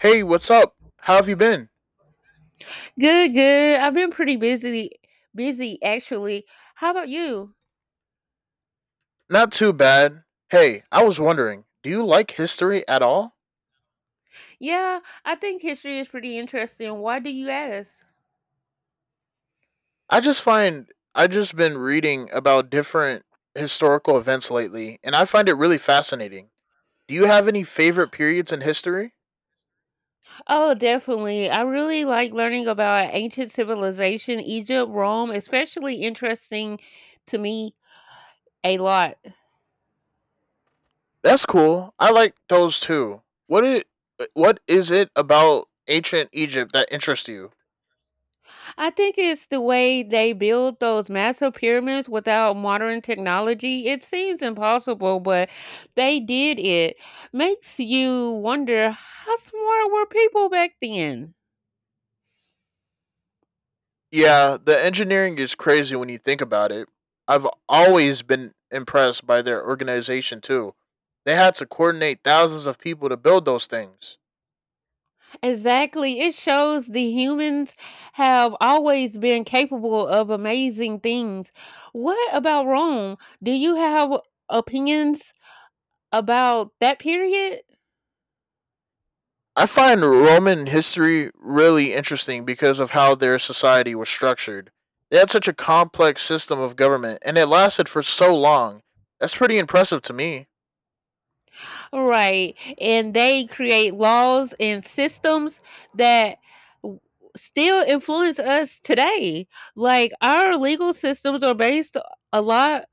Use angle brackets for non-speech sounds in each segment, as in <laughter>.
Hey, what's up? How have you been? Good, good. I've been pretty busy actually. How about you? Not too bad. Hey, I was wondering, do you like history at all? Yeah, I think history is pretty interesting. Why do you ask? I just been reading about different historical events lately and I find it really fascinating. Do you have any favorite periods in history? Oh, definitely. I really like learning about ancient civilization, Egypt, Rome, especially interesting to me a lot. That's cool. I like those too. What is it about ancient Egypt that interests you? I think it's the way they build those massive pyramids without modern technology. It seems impossible, but they did it. Makes you wonder how smart were people back then? Yeah, the engineering is crazy when you think about it. I've always been impressed by their organization too. They had to coordinate thousands of people to build those things. Exactly. It shows the humans have always been capable of amazing things. What about Rome? Do you have opinions about that period? I find Roman history really interesting because of how their society was structured. They had such a complex system of government and it lasted for so long. That's pretty impressive to me. Right. And they create laws and systems that w- still influence us today. Like our legal systems are based a lot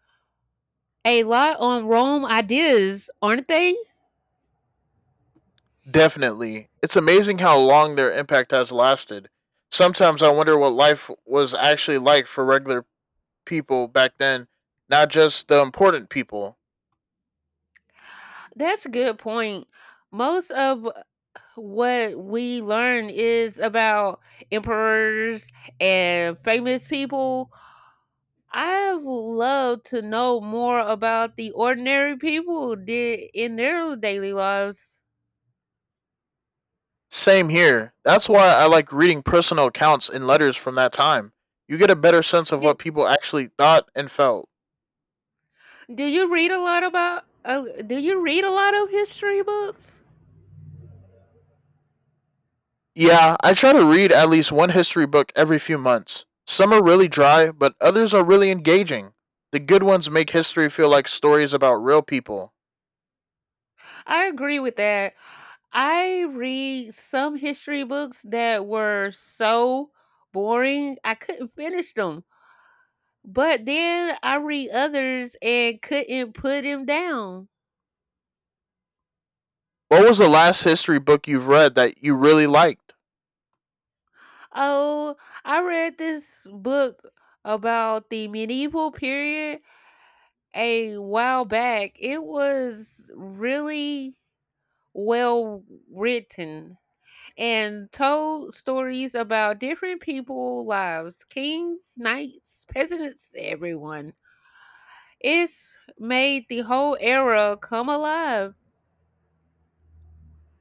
a lot on Rome ideas, aren't they? Definitely. It's amazing how long their impact has lasted. Sometimes I wonder what life was actually like for regular people back then, not just the important people. That's a good point. Most of what we learn is about emperors and famous people. I've loved to know more about the ordinary people did in their daily lives. Same here. That's why I like reading personal accounts and letters from that time. You get a better sense of what people actually thought and felt. Do you read a lot about do you read a lot of history books? Yeah, I try to read at least one history book every few months. Some are really dry, but others are really engaging. The good ones make history feel like stories about real people. I agree with that. I read some history books that were so boring I couldn't finish them. But then I read others and couldn't put them down. What was the last history book you've read that you really liked? Oh, I read this book about the medieval period a while back. It was really well written. And told stories about different people's lives kings, knights, peasants, everyone. It's made the whole era come alive.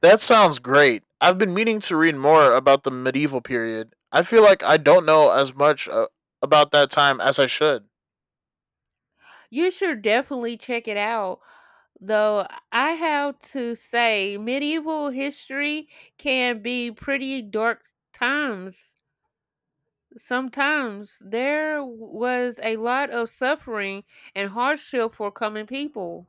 That sounds great. I've been meaning to read more about the medieval period. I feel like I don't know as much about that time as I should. You should definitely check it out. Though I have to say, medieval history can be pretty dark times. Sometimes there was a lot of suffering and hardship for common people.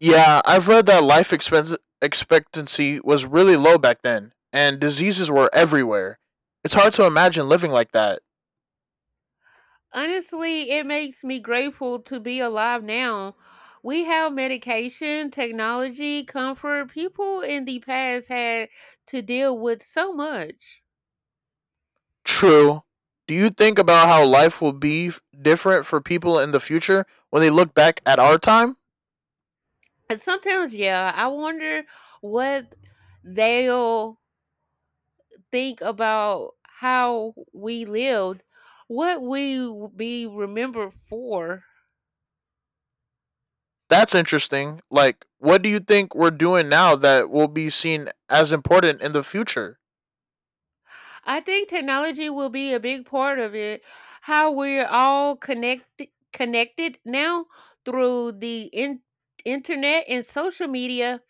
Yeah, I've read that life expense expectancy was really low back then, and diseases were everywhere. It's hard to imagine living like that. Honestly, it makes me grateful to be alive now. We have medication, technology, comfort. People in the past had to deal with so much. True. Do you think about how life will be different for people in the future when they look back at our time? And sometimes, yeah, I wonder what they'll think about how we lived, what we will be remembered for. That's interesting. Like, what do you think we're doing now that will be seen as important in the future? I think technology will be a big part of it. How we're all connected now through the internet and social media.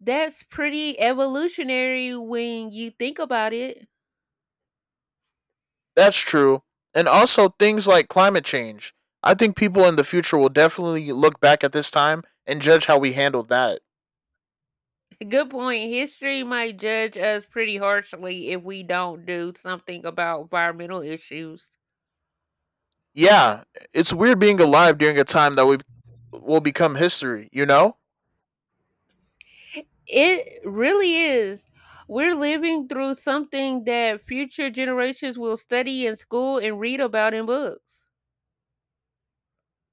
That's pretty evolutionary when you think about it. That's true. And also things like climate change. I think people in the future will definitely look back at this time and judge how we handled that. <laughs> Good point. History might judge us pretty harshly if we don't do something about environmental issues. Yeah, it's weird being alive during a time that we will become history, you know? It really is. We're living through something that future generations will study in school and read about in books.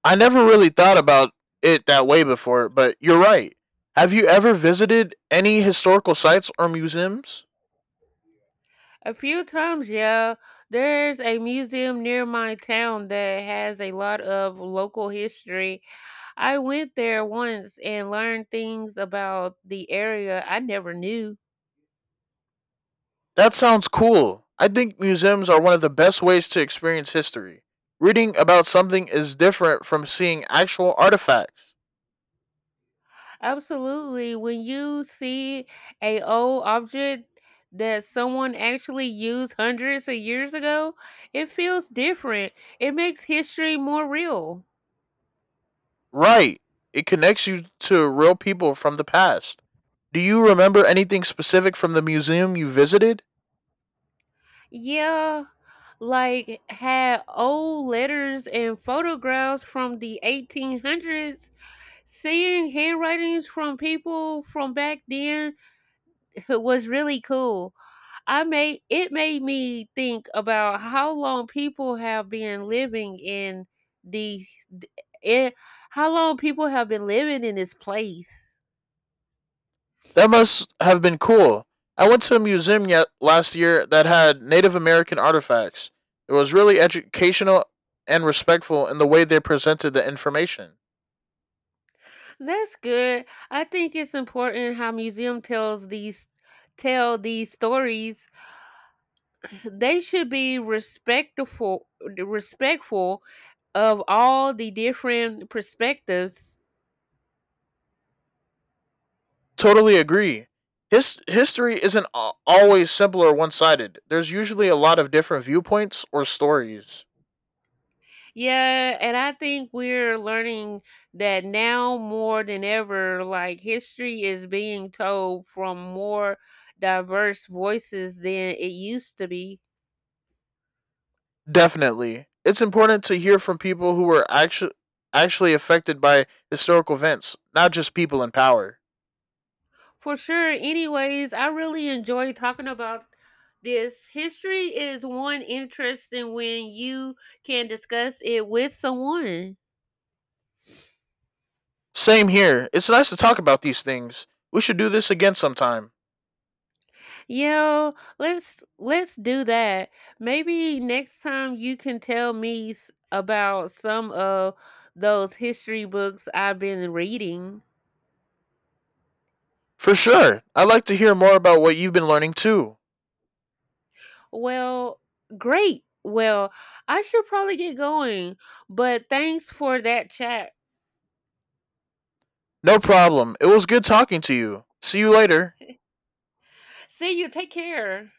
I never really thought about it that way before, but you're right. Have you ever visited any historical sites or museums? A few times, yeah. There's a museum near my town that has a lot of local history. I went there once and learned things about the area I never knew. That sounds cool. I think museums are one of the best ways to experience history. Reading about something is different from seeing actual artifacts. Absolutely. When you see a old object that someone actually used hundreds of years ago, it feels different. It makes history more real. Right. It connects you to real people from the past. Do you remember anything specific from the museum you visited? Yeah, like had old letters and photographs from the 1800s. Seeing handwritings from people from back then <laughs> was really cool. I made it made me think about how long people have been living in the th- in, how long people have been living in this place. That must have been cool. I went to a museum yet last year that had Native American artifacts. It was really educational and respectful in the way they presented the information. That's good. I think it's important how museum tell these stories they should be respectful of all the different perspectives. Totally agree. History isn't always simple or one sided. There's usually a lot of different viewpoints or stories. Yeah, and I think we're learning that now more than ever, like history is being told from more diverse voices than it used to be. Definitely. It's important to hear from people who were actually affected by historical events, not just people in power. For sure. Anyways, I really enjoy talking about this. History is one interesting when you can discuss it with someone. Same here. It's nice to talk about these things. We should do this again sometime. Yeah, let's do that. Maybe next time you can tell me about some of those history books I've been reading. For sure. I'd like to hear more about what you've been learning too. Well, great. Well, I should probably get going, but thanks for that chat. No problem. It was good talking to you. See you later. See you. Take care.